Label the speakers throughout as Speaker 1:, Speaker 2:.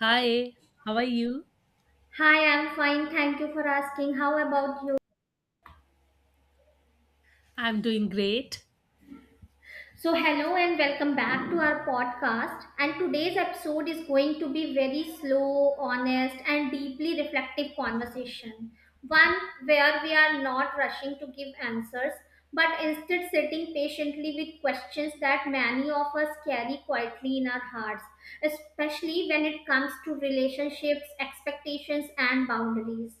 Speaker 1: Hi, how are you?
Speaker 2: Hi, I'm fine. Thank you for asking. How about you?
Speaker 1: I'm doing great.
Speaker 2: Hello and welcome back to our podcast. And today's episode is going to be very slow, honest, and deeply reflective conversation. One where we are not rushing to give answers, but instead sitting patiently with questions that many of us carry quietly in our hearts, especially when it comes to relationships, expectations, and boundaries.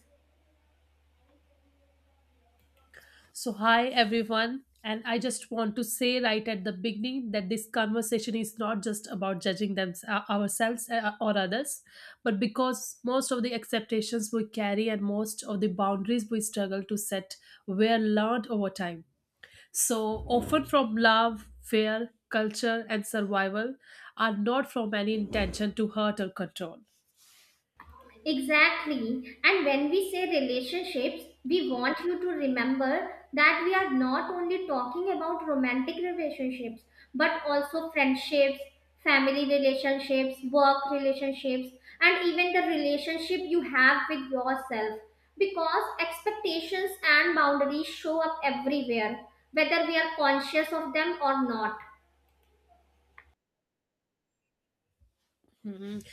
Speaker 1: So, hi everyone. And I just want to say right at the beginning that this conversation is not just about judging them, ourselves or others, but because most of the expectations we carry and most of the boundaries we struggle to set were learned over time. So, often from love, fear, culture, and survival are not from any intention to hurt or control.
Speaker 2: Exactly. And when we say relationships, we want you to remember that we are not only talking about romantic relationships, but also friendships, family relationships, work relationships, and even the relationship you have with yourself. Because expectations and boundaries show up everywhere, whether we are conscious of them or not.
Speaker 1: Mhm.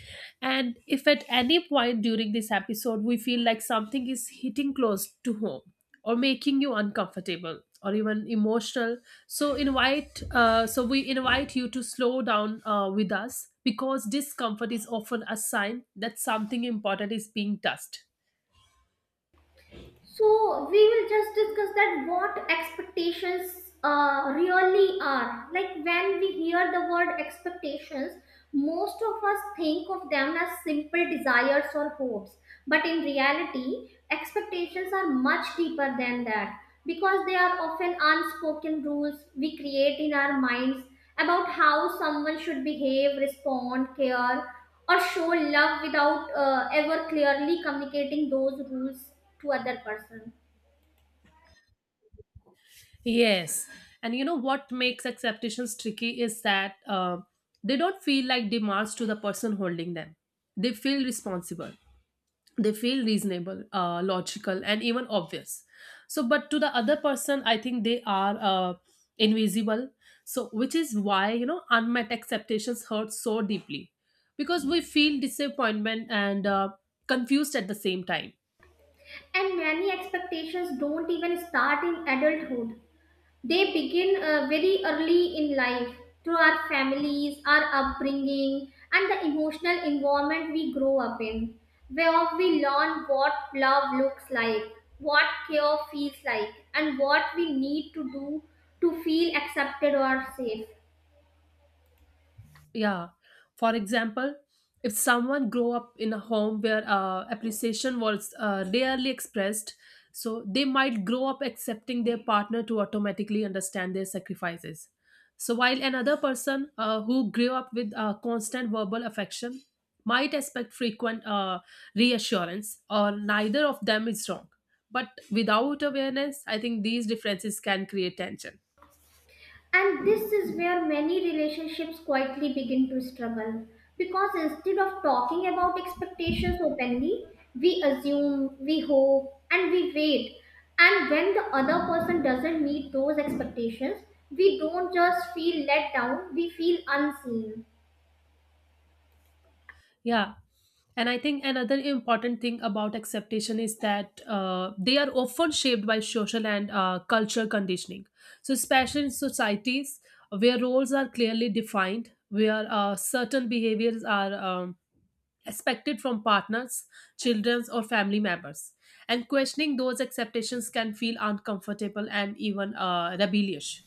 Speaker 1: And if at any point during this episode we feel like something is hitting close to home or making you uncomfortable or even emotional, so invite so we invite you to slow down with us because discomfort is often a sign that something important is being touched.
Speaker 2: So we will just discuss that what expectations really are. Like when we hear the word expectations, most of us think of them as simple desires or hopes. But in reality, expectations are much deeper than that because they are often unspoken rules we create in our minds about how someone should behave, respond, care, or show love without ever clearly communicating those rules to other person.
Speaker 1: Yes, and you know what makes acceptations tricky is that they don't feel like demands to the person holding them; they feel responsible, they feel reasonable, logical and even obvious. So but to the other person I think they are invisible, so which is why, you know, unmet expectations hurt so deeply because we feel disappointment and confused at the same time.
Speaker 2: And many expectations don't even start in adulthood. They begin very early in life, through our families, our upbringing, and the emotional environment we grow up in, where we learn what love looks like, what care feels like, and what we need to do to feel accepted or safe.
Speaker 1: Yeah. For example, if someone grew up in a home where appreciation was rarely expressed, so they might grow up accepting their partner to automatically understand their sacrifices. So while another person who grew up with constant verbal affection might expect frequent reassurance, or neither of them is wrong. But without awareness, I think these differences can create tension.
Speaker 2: And this is where many relationships quietly begin to struggle, because instead of talking about expectations openly, we assume, we hope, and we wait. And when the other person doesn't meet those expectations, we don't just feel let down, we feel unseen.
Speaker 1: Yeah. And I think another important thing about acceptation is that they are often shaped by social and cultural conditioning. So, especially in societies where roles are clearly defined, where certain behaviors are expected from partners, children, or family members. And questioning those acceptations can feel uncomfortable and even rebellious.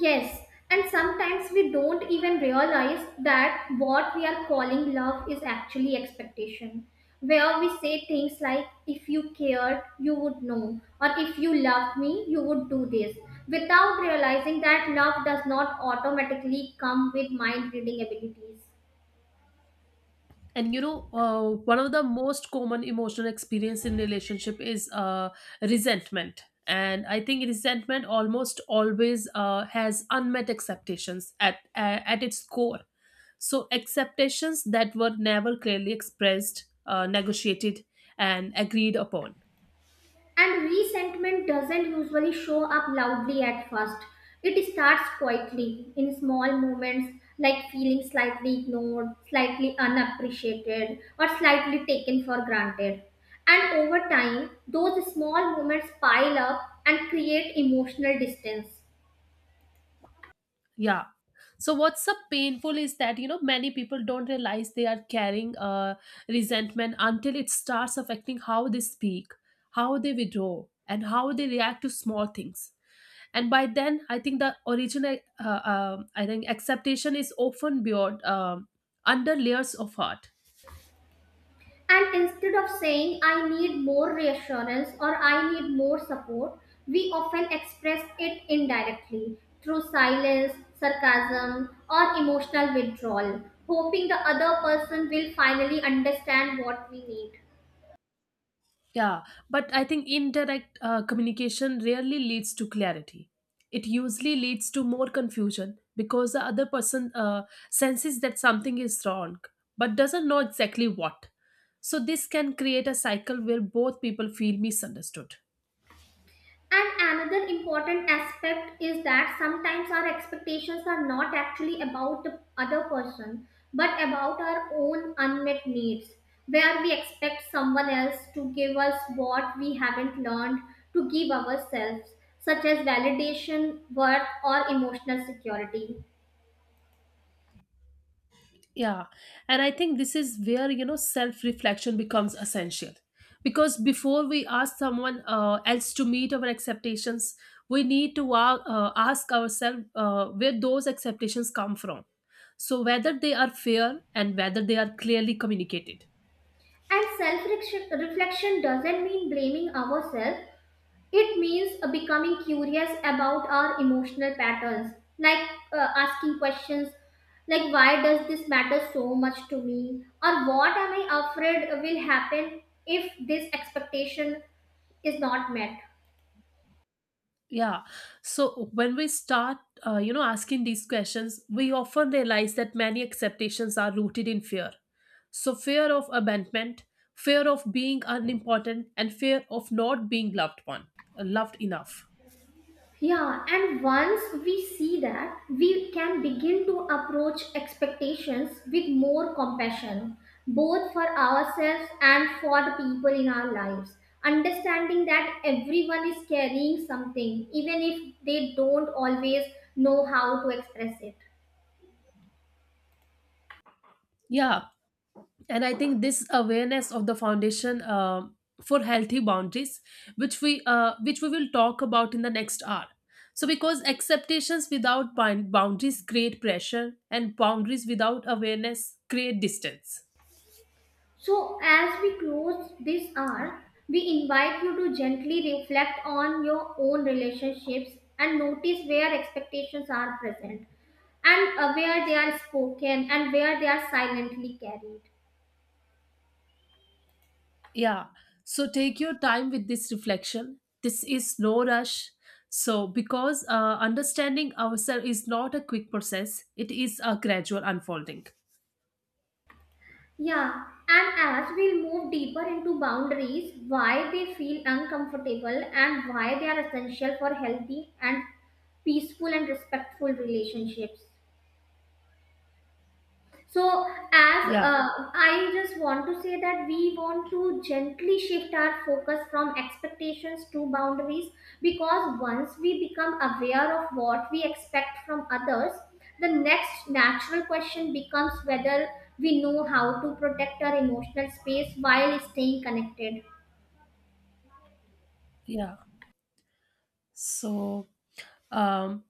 Speaker 2: Yes, and sometimes we don't even realize that what we are calling love is actually expectation. Where we say things like, if you cared, you would know, or if you loved me, you would do this, without realizing that love does not automatically come with mind reading abilities.
Speaker 1: And you know, one of the most common emotional experience in relationship is resentment, and I think resentment almost always has unmet expectations at its core, so expectations that were never clearly expressed, negotiated and agreed upon.
Speaker 2: And resentment doesn't usually show up loudly at first. It starts quietly in small moments like feeling slightly ignored, slightly unappreciated, or slightly taken for granted. And over time, those small moments pile up and create emotional distance.
Speaker 1: Yeah. So what's so painful is that, you know, many people don't realize they are carrying resentment until it starts affecting how they speak, how they withdraw, and how they react to small things. And by then, I think the original acceptation is often beyond under layers of hurt.
Speaker 2: And instead of saying, I need more reassurance or I need more support, we often express it indirectly through silence, sarcasm, or emotional withdrawal, hoping the other person will finally understand what we need.
Speaker 1: Yeah, but I think indirect communication rarely leads to clarity. It usually leads to more confusion because the other person senses that something is wrong but doesn't know exactly what. So, this can create a cycle where both people feel misunderstood.
Speaker 2: And another important aspect is that sometimes our expectations are not actually about the other person, but about our own unmet needs, where we expect someone else to give us what we haven't learned to give ourselves, such as validation, worth, or emotional security.
Speaker 1: Yeah. And I think this is where, you know, self reflection becomes essential. Because before we ask someone else to meet our expectations, we need to ask ourselves where those expectations come from. So, whether they are fair and whether they are clearly communicated.
Speaker 2: And self reflection doesn't mean blaming ourselves. It means becoming curious about our emotional patterns, like asking questions like, why does this matter so much to me? Or what am I afraid will happen if this expectation is not met?
Speaker 1: Yeah. So when we start, you know, asking these questions, we often realize that many acceptations are rooted in fear. So fear of abandonment, fear of being unimportant, and fear of not being loved enough.
Speaker 2: Yeah, and once we see that, we can begin to approach expectations with more compassion, both for ourselves and for the people in our lives. Understanding that everyone is carrying something, even if they don't always know how to express it.
Speaker 1: Yeah. And I think this awareness of the foundation for healthy boundaries, which we will talk about in the next hour. So because acceptations without boundaries create pressure and boundaries without awareness create distance.
Speaker 2: So, as we close this hour, we invite you to gently reflect on your own relationships and notice where expectations are present, and where they are spoken and where they are silently carried.
Speaker 1: Yeah, so take your time with this reflection, this is no rush. So because understanding ourselves is not a quick process, it is a gradual unfolding.
Speaker 2: Yeah, and as we move deeper into boundaries, why they feel uncomfortable and why they are essential for healthy and peaceful and respectful relationships. So, as
Speaker 1: Yeah,
Speaker 2: I just want to say that we want to gently shift our focus from expectations to boundaries, because once we become aware of what we expect from others, the next natural question becomes whether we know how to protect our emotional space while staying connected.
Speaker 1: yeah. so um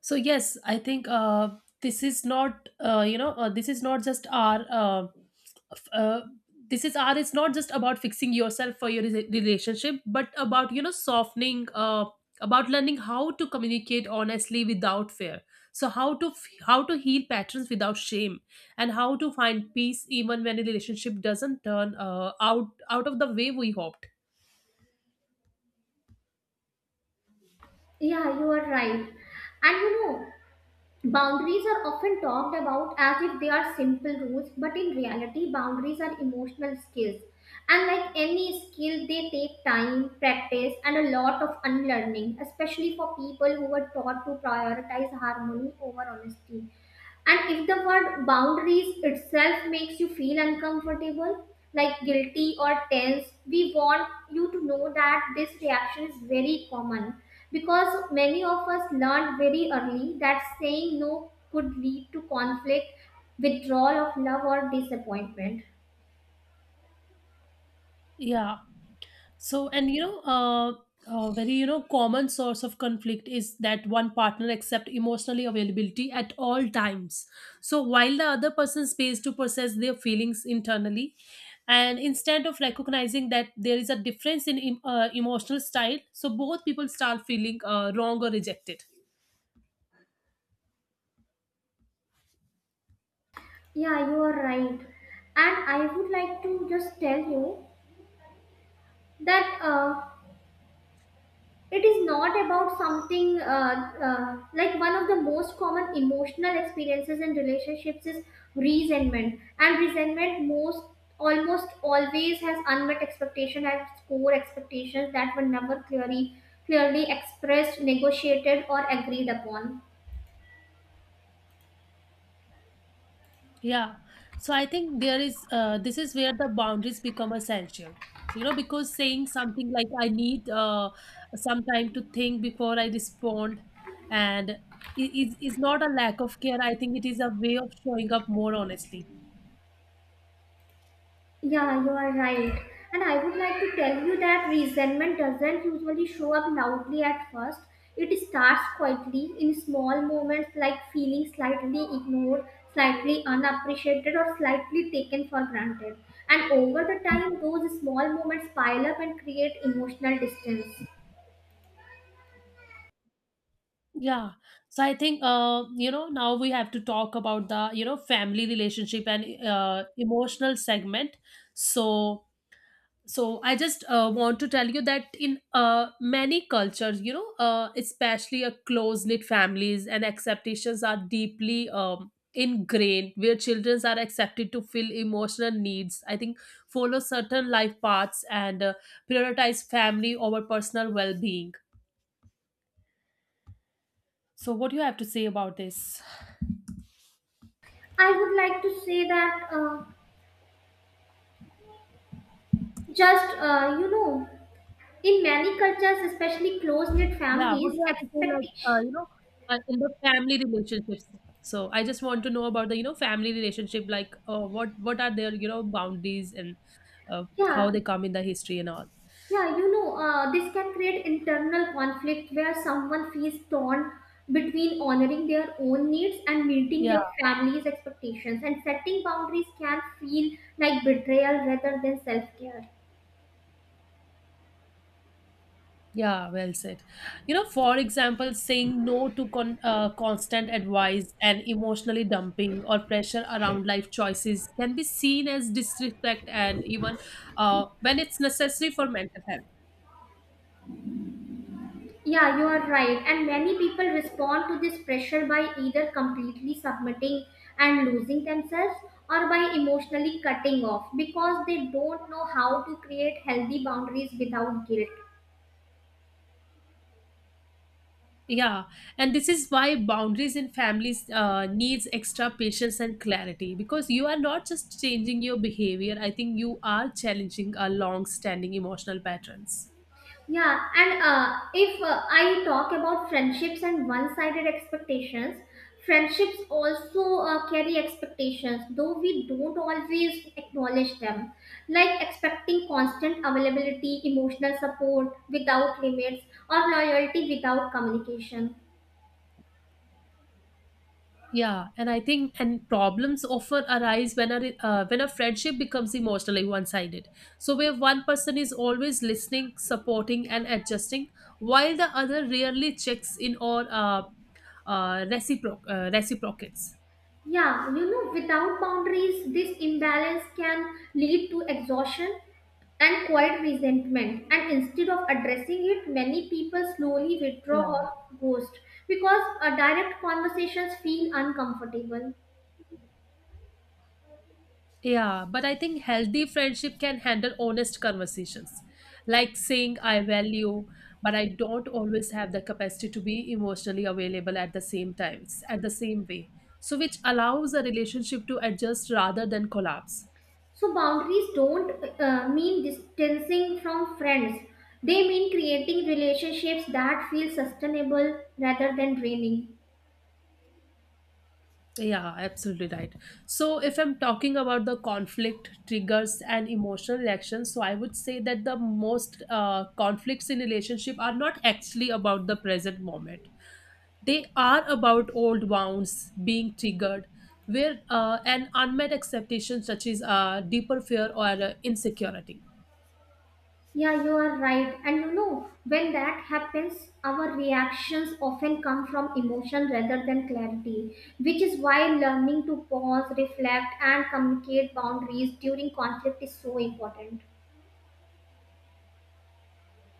Speaker 1: yes, I think this is not, you know, this is not just our, f- uh, this is our, it's not just about fixing yourself for your relationship, but about, you know, softening, about learning how to communicate honestly without fear, so how to how to heal patterns without shame, and how to find peace even when a relationship doesn't turn out of the way we hoped.
Speaker 2: Yeah, you are right. And you know, boundaries are often talked about as if they are simple rules, but in reality, boundaries are emotional skills. And like any skill, they take time, practice, and a lot of unlearning, especially for people who were taught to prioritize harmony over honesty. And if the word boundaries itself makes you feel uncomfortable, like guilty or tense, we want you to know that this reaction is very common because many of us learned very early that saying no could lead to conflict, withdrawal of love, or disappointment.
Speaker 1: Yeah. So, and you know, a very, you know, common source of conflict is that one partner accept emotionally availability at all times. So while the other person pays to process their feelings internally, and instead of recognizing that there is a difference in emotional style, so both people start feeling wrong or rejected.
Speaker 2: Yeah, you are right. And I would like to just tell you that it is not about something like one of the most common emotional experiences in relationships is resentment, and resentment most almost always has unmet expectation, has core expectations that were never clearly expressed, negotiated, or agreed upon.
Speaker 1: Yeah. So I think there is this is where the boundaries become essential. So you know, because saying something like, I need some time to think before I respond, and it is not a lack of care. I think it is a way of showing up more honestly.
Speaker 2: Yeah, you are right. And I would like to tell you that resentment doesn't usually show up loudly at first. It starts quietly in small moments like feeling slightly ignored, slightly unappreciated, or slightly taken for granted. And over the time, those small moments pile up and create emotional distance.
Speaker 1: Yeah. So I think, you know, now we have to talk about the, you know, family relationship and emotional segment. So so I just want to tell you that in many cultures, you know, especially a close knit families, and acceptations are deeply ingrained, where children are accepted to fill emotional needs, I think, follow certain life paths, and prioritize family over personal well being. So what do you have to say about this?
Speaker 2: I would like to say that you know, in many cultures, especially close knit
Speaker 1: Yeah, what
Speaker 2: families,
Speaker 1: do I have to say? Like,
Speaker 2: expectation.
Speaker 1: you know, in the family relationships. So I just want to know about the, you know, family relationship. Like, what are their, you know, boundaries, and how
Speaker 2: Yeah,
Speaker 1: they come in the history and all.
Speaker 2: Yeah, you know, this can create internal conflict where someone feels torn between honoring their own needs and meeting
Speaker 1: Yeah,
Speaker 2: their family's expectations. And setting boundaries can feel like betrayal rather than self care.
Speaker 1: yeah, well said. You know, for example, saying no to constant advice and emotionally dumping or pressure around life choices can be seen as disrespect and even when it's necessary for mental health.
Speaker 2: Yeah, you are right. And many people respond to this pressure by either completely submitting and losing themselves, or by emotionally cutting off because they don't know how to create healthy boundaries without guilt.
Speaker 1: Yeah, and this is why boundaries in families needs extra patience and clarity, because you are not just changing your behavior. I think you are challenging a long-standing emotional patterns.
Speaker 2: Yeah, and if I talk about friendships and one sided expectations, friendships also carry expectations, though we don't always acknowledge them. Like expecting constant availability, emotional support without limits, or loyalty without communication.
Speaker 1: Yeah, and I think and problems often arise when a friendship becomes emotionally one-sided. So where one person is always listening, supporting, and adjusting, while the other rarely checks in or reciprocates.
Speaker 2: Yeah, you know, without boundaries, this imbalance can lead to exhaustion and quiet resentment. And instead of addressing it, many people slowly withdraw or ghost because direct conversations feel uncomfortable.
Speaker 1: Yeah, but I think healthy friendship can handle honest conversations, like saying, I value, but I don't always have the capacity to be emotionally available at the same times, at the same way. So, which allows a relationship to adjust rather than collapse.
Speaker 2: So, boundaries don't mean distancing from friends, they mean creating relationships that feel sustainable rather than draining.
Speaker 1: Yeah, absolutely right. So, if I'm talking about the conflict triggers and emotional reactions, so I would say that the most conflicts in relationship are not actually about the present moment. They are about old wounds being triggered, where an unmet expectation touches a deeper fear or insecurity.
Speaker 2: Yeah, you are right. And you know, when that happens, our reactions often come from emotion rather than clarity, which is why learning to pause, reflect, and communicate boundaries during conflict is so important.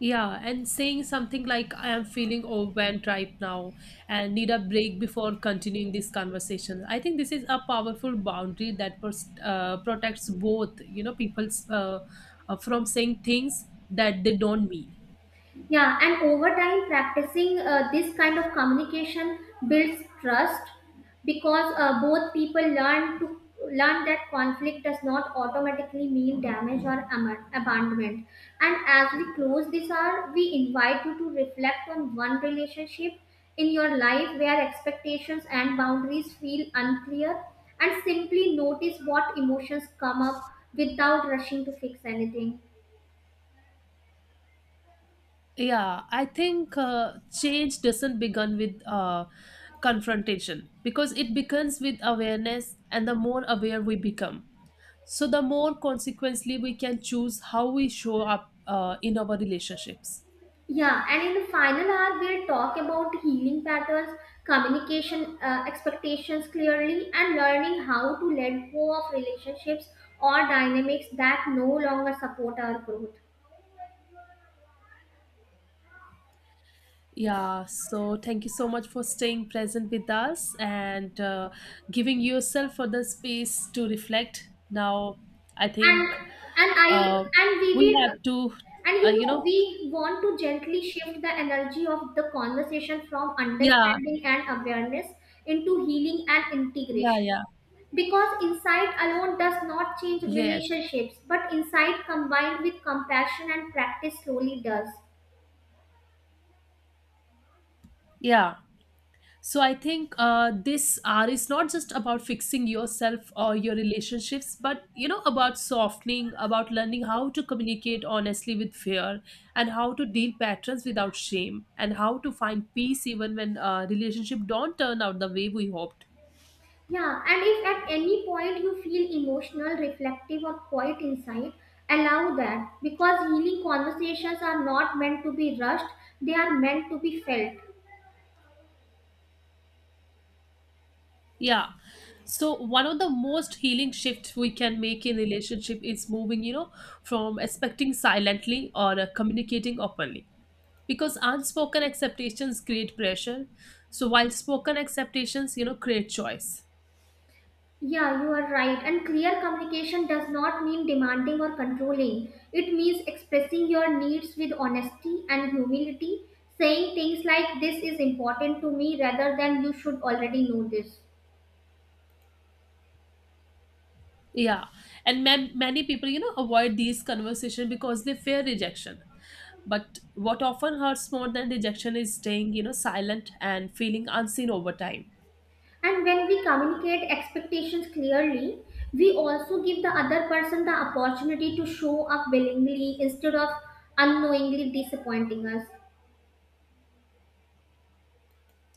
Speaker 1: Yeah, and saying something like, I am feeling overwhelmed right now and need a break before continuing this conversation. I think this is a powerful boundary that protects both, you know, people's, from saying things that they don't mean.
Speaker 2: Yeah, and over time, practicing this kind of communication builds trust because both people learn that conflict does not automatically mean damage or abandonment. And as we close this hour, we invite you to reflect on one relationship in your life where expectations and boundaries feel unclear, and simply notice what emotions come up without rushing to fix anything.
Speaker 1: Yeah, I think, change doesn't begin with confrontation because it begins with awareness, and the more aware we become, so the more consequently we can choose how we show up in our relationships.
Speaker 2: Yeah, and in the final hour, we'll talk about healing patterns, communication expectations clearly, and learning how to let go of relationships or dynamics that no longer support our growth.
Speaker 1: Yeah, so thank you so much for staying present with us and giving yourself for the space to reflect. Now, I
Speaker 2: And
Speaker 1: think
Speaker 2: and I
Speaker 1: uh,
Speaker 2: and we
Speaker 1: we
Speaker 2: will
Speaker 1: have to,
Speaker 2: and you
Speaker 1: you
Speaker 2: know,
Speaker 1: know,
Speaker 2: we want to gently shift the energy of the conversation from
Speaker 1: yeah,
Speaker 2: understanding and awareness into healing and
Speaker 1: yeah,
Speaker 2: integration.
Speaker 1: yeah,
Speaker 2: Because insight alone does not change
Speaker 1: yes,
Speaker 2: relationships, but insight combined with compassion and practice slowly does.
Speaker 1: yeah. So I think this R is not just about fixing yourself or your relationships, but you know, about softening, about learning how to communicate honestly with fear, and how to deal patterns without shame, and how to find peace even when relationship don't turn out the way we hoped.
Speaker 2: Yeah, and if at any point you feel emotional, reflective, or quiet insight, allow that because healing conversations are not meant to be rushed, they are meant to be felt.
Speaker 1: Yeah. So one of the most healing shifts we can make in relationship is moving, you know, from expecting silently or communicating openly, because unspoken acceptations create pressure, so while spoken acceptations, you know, create choice.
Speaker 2: Yeah, you are right. And clear communication does not mean demanding or controlling. It means expressing your needs with honesty and humility, saying things like, this is important to me, rather than you should already know this.
Speaker 1: Yeah, and many people, you know, avoid these conversations because they fear rejection, but what often hurts more than rejection is staying, you know, silent and feeling unseen over time.
Speaker 2: And when we communicate expectations clearly, we also give the other person the opportunity to show up willingly instead of unknowingly disappointing us.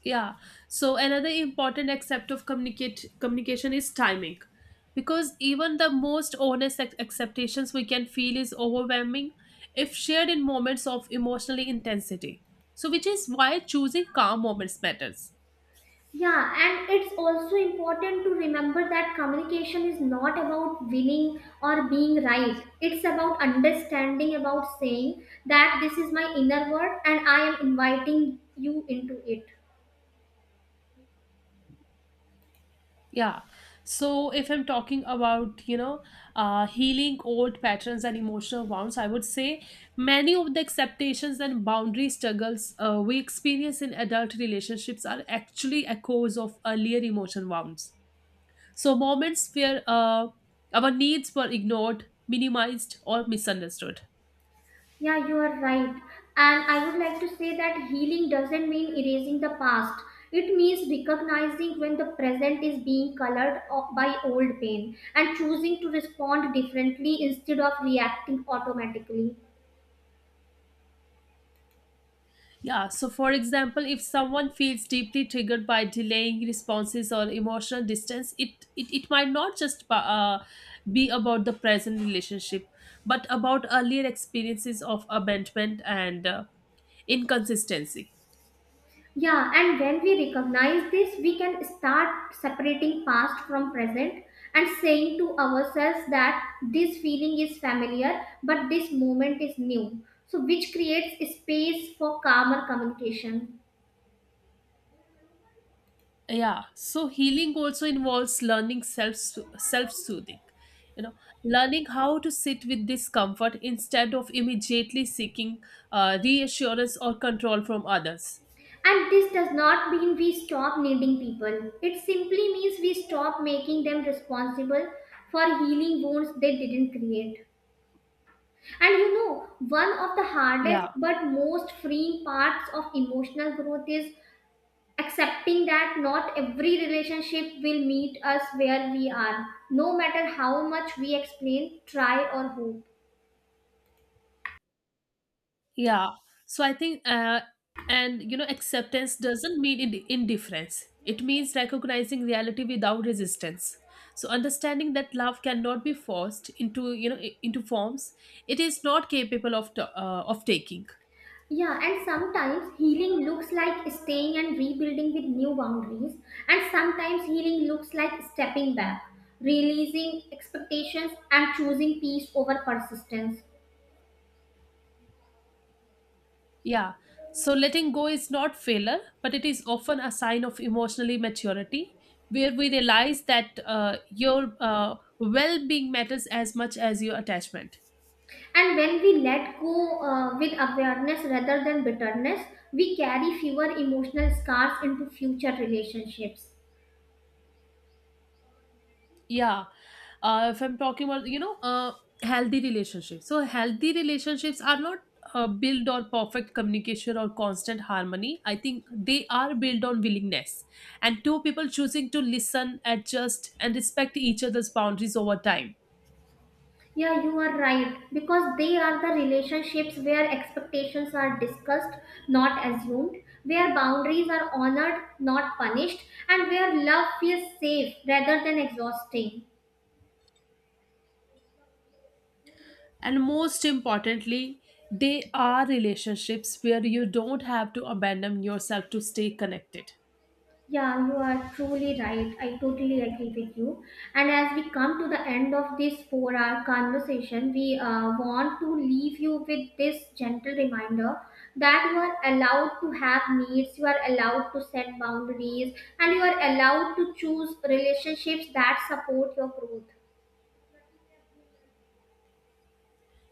Speaker 1: Yeah, so another important aspect of communicate communication is timing, because even the most honest acceptations we can feel is overwhelming if shared in moments of emotional intensity, so which is why choosing calm moments matters.
Speaker 2: Yeah, and it's also important to remember that communication is not about winning or being right. It's about understanding, about saying that this is my inner world and I am inviting you into it.
Speaker 1: Yeah. So if I'm talking about, you know, healing old patterns and emotional wounds, I would say many of the acceptations and boundary struggles we experience in adult relationships are actually echoes of earlier emotional wounds. So moments where our needs were ignored, minimized, or misunderstood.
Speaker 2: Yeah, you are right. And I would like to say that healing doesn't mean erasing the past. It means recognizing when the present is being by old pain and choosing to respond differently instead of reacting automatically.
Speaker 1: Yeah, so for example, if someone feels deeply triggered by delaying responses or emotional distance, it might not just be about the present relationship, but about earlier experiences of abandonment and inconsistency.
Speaker 2: Yeah, and when we recognize this, we can start separating past from present and saying to ourselves that this feeling is familiar, but this moment is new. So, which creates space for calmer communication.
Speaker 1: Yeah, so healing also involves learning self soothing. You know, learning how to sit with discomfort instead of immediately seeking reassurance or control from others.
Speaker 2: And this does not mean we stop needing people, it simply means we stop making them responsible for healing wounds they didn't create. And you know, one of the hardest
Speaker 1: Yeah.
Speaker 2: but most freeing parts of emotional growth is accepting that not every relationship will meet us where we are, no matter how much we explain, try, or hope.
Speaker 1: Yeah. So I think, and you know, acceptance doesn't mean indifference. It means recognizing reality without resistance. So understanding that love cannot be forced into, you know, into forms it is not capable of of taking.
Speaker 2: Yeah, and sometimes healing looks like staying and rebuilding with new boundaries, and sometimes healing looks like stepping back, releasing expectations, and choosing peace over persistence.
Speaker 1: Yeah. So letting go is not failure, but it is often a sign of emotionally maturity, where we realize that your well-being matters as much as your attachment.
Speaker 2: And when we let go with awareness rather than bitterness, we carry fewer emotional scars into future relationships.
Speaker 1: Yeah, if I'm talking about, you know, healthy relationships, so healthy relationships are not built on perfect communication or constant harmony. I think they are built on willingness and two people choosing to listen, adjust, and respect each other's boundaries over time.
Speaker 2: Yeah, you are right. Because they are the relationships where expectations are discussed, not assumed, where boundaries are honored, not punished, and where love feels safe rather than exhausting.
Speaker 1: And most importantly, they are relationships where you don't have to abandon yourself to stay connected.
Speaker 2: Yeah, you are truly right. I totally agree with you. And as we come to the end of this 4 hour conversation, we want to leave you with this gentle reminder that you are allowed to have needs, you are allowed to set boundaries, and you are allowed to choose relationships that support your growth.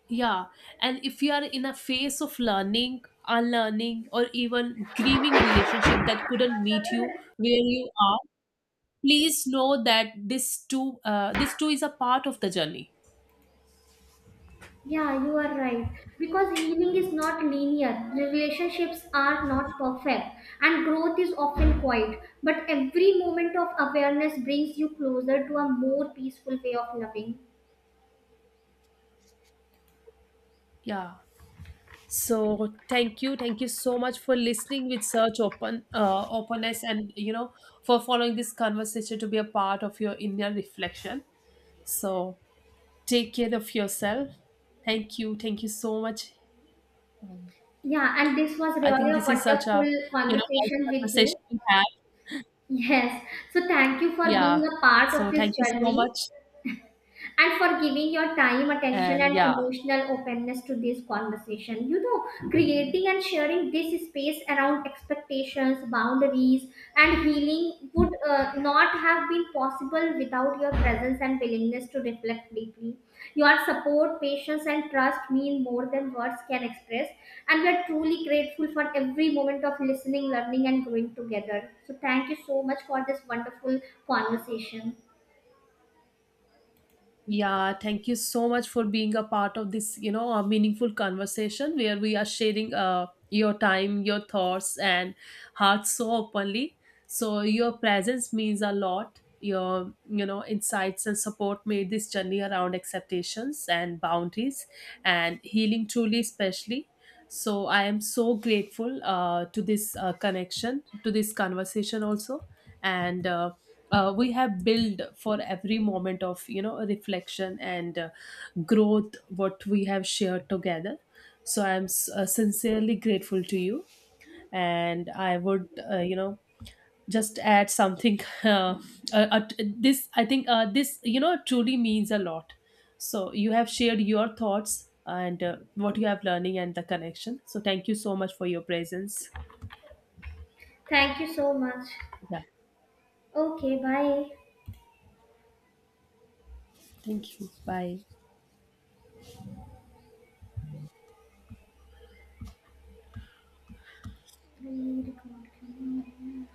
Speaker 1: Yeah, and if you are in a phase of learning, unlearning, or even grieving relationship that couldn't meet you where you are, please know that this too is a part of the journey.
Speaker 2: Yeah, you are right. Because healing is not linear, relationships are not perfect, and growth is often quiet. But every moment of awareness brings you closer to a more peaceful way of loving.
Speaker 1: Yeah. So thank you so much for listening with such open openness, and you know, for following this conversation to be a part of your inner reflection. So take care of yourself. Thank you so much. Um,
Speaker 2: Yeah, and this was
Speaker 1: I
Speaker 2: really
Speaker 1: think
Speaker 2: a
Speaker 1: this is such a,
Speaker 2: wonderful
Speaker 1: you know, nice
Speaker 2: conversation with you.
Speaker 1: conversation we had.
Speaker 2: Yes, so thank you for being
Speaker 1: Yeah.
Speaker 2: a part
Speaker 1: So
Speaker 2: of
Speaker 1: thank
Speaker 2: this
Speaker 1: you so
Speaker 2: journey.
Speaker 1: much,
Speaker 2: And for giving your time, attention,
Speaker 1: and
Speaker 2: and
Speaker 1: yeah.
Speaker 2: emotional openness to this conversation. You know, creating and sharing this space around expectations, boundaries, and healing would not have been possible without your presence and willingness to reflect deeply. Your support, patience, and trust mean more than words can express, and we are truly grateful for every moment of listening, learning, and growing together. So, thank you so much for this wonderful conversation.
Speaker 1: Yeah, thank you so much for being a part of this, you know, a meaningful conversation where we are sharing your time, your thoughts, and hearts so openly. So your presence means a lot. Your, you know, insights and support made this journey around expectations and boundaries and healing truly, especially. So I am so grateful to this connection, to this conversation also, and. We have built for every moment of, you know, reflection and growth what we have shared together. So I'm sincerely grateful to you, and I would, you know, just add something uh, uh, uh, this I think, this, you know, truly means a lot. So you have shared your thoughts and what you have learning and the connection, so thank you so much for your presence.
Speaker 2: Thank you so much.
Speaker 1: Yeah,
Speaker 2: Okay, bye.
Speaker 1: thank you, bye.
Speaker 2: I record.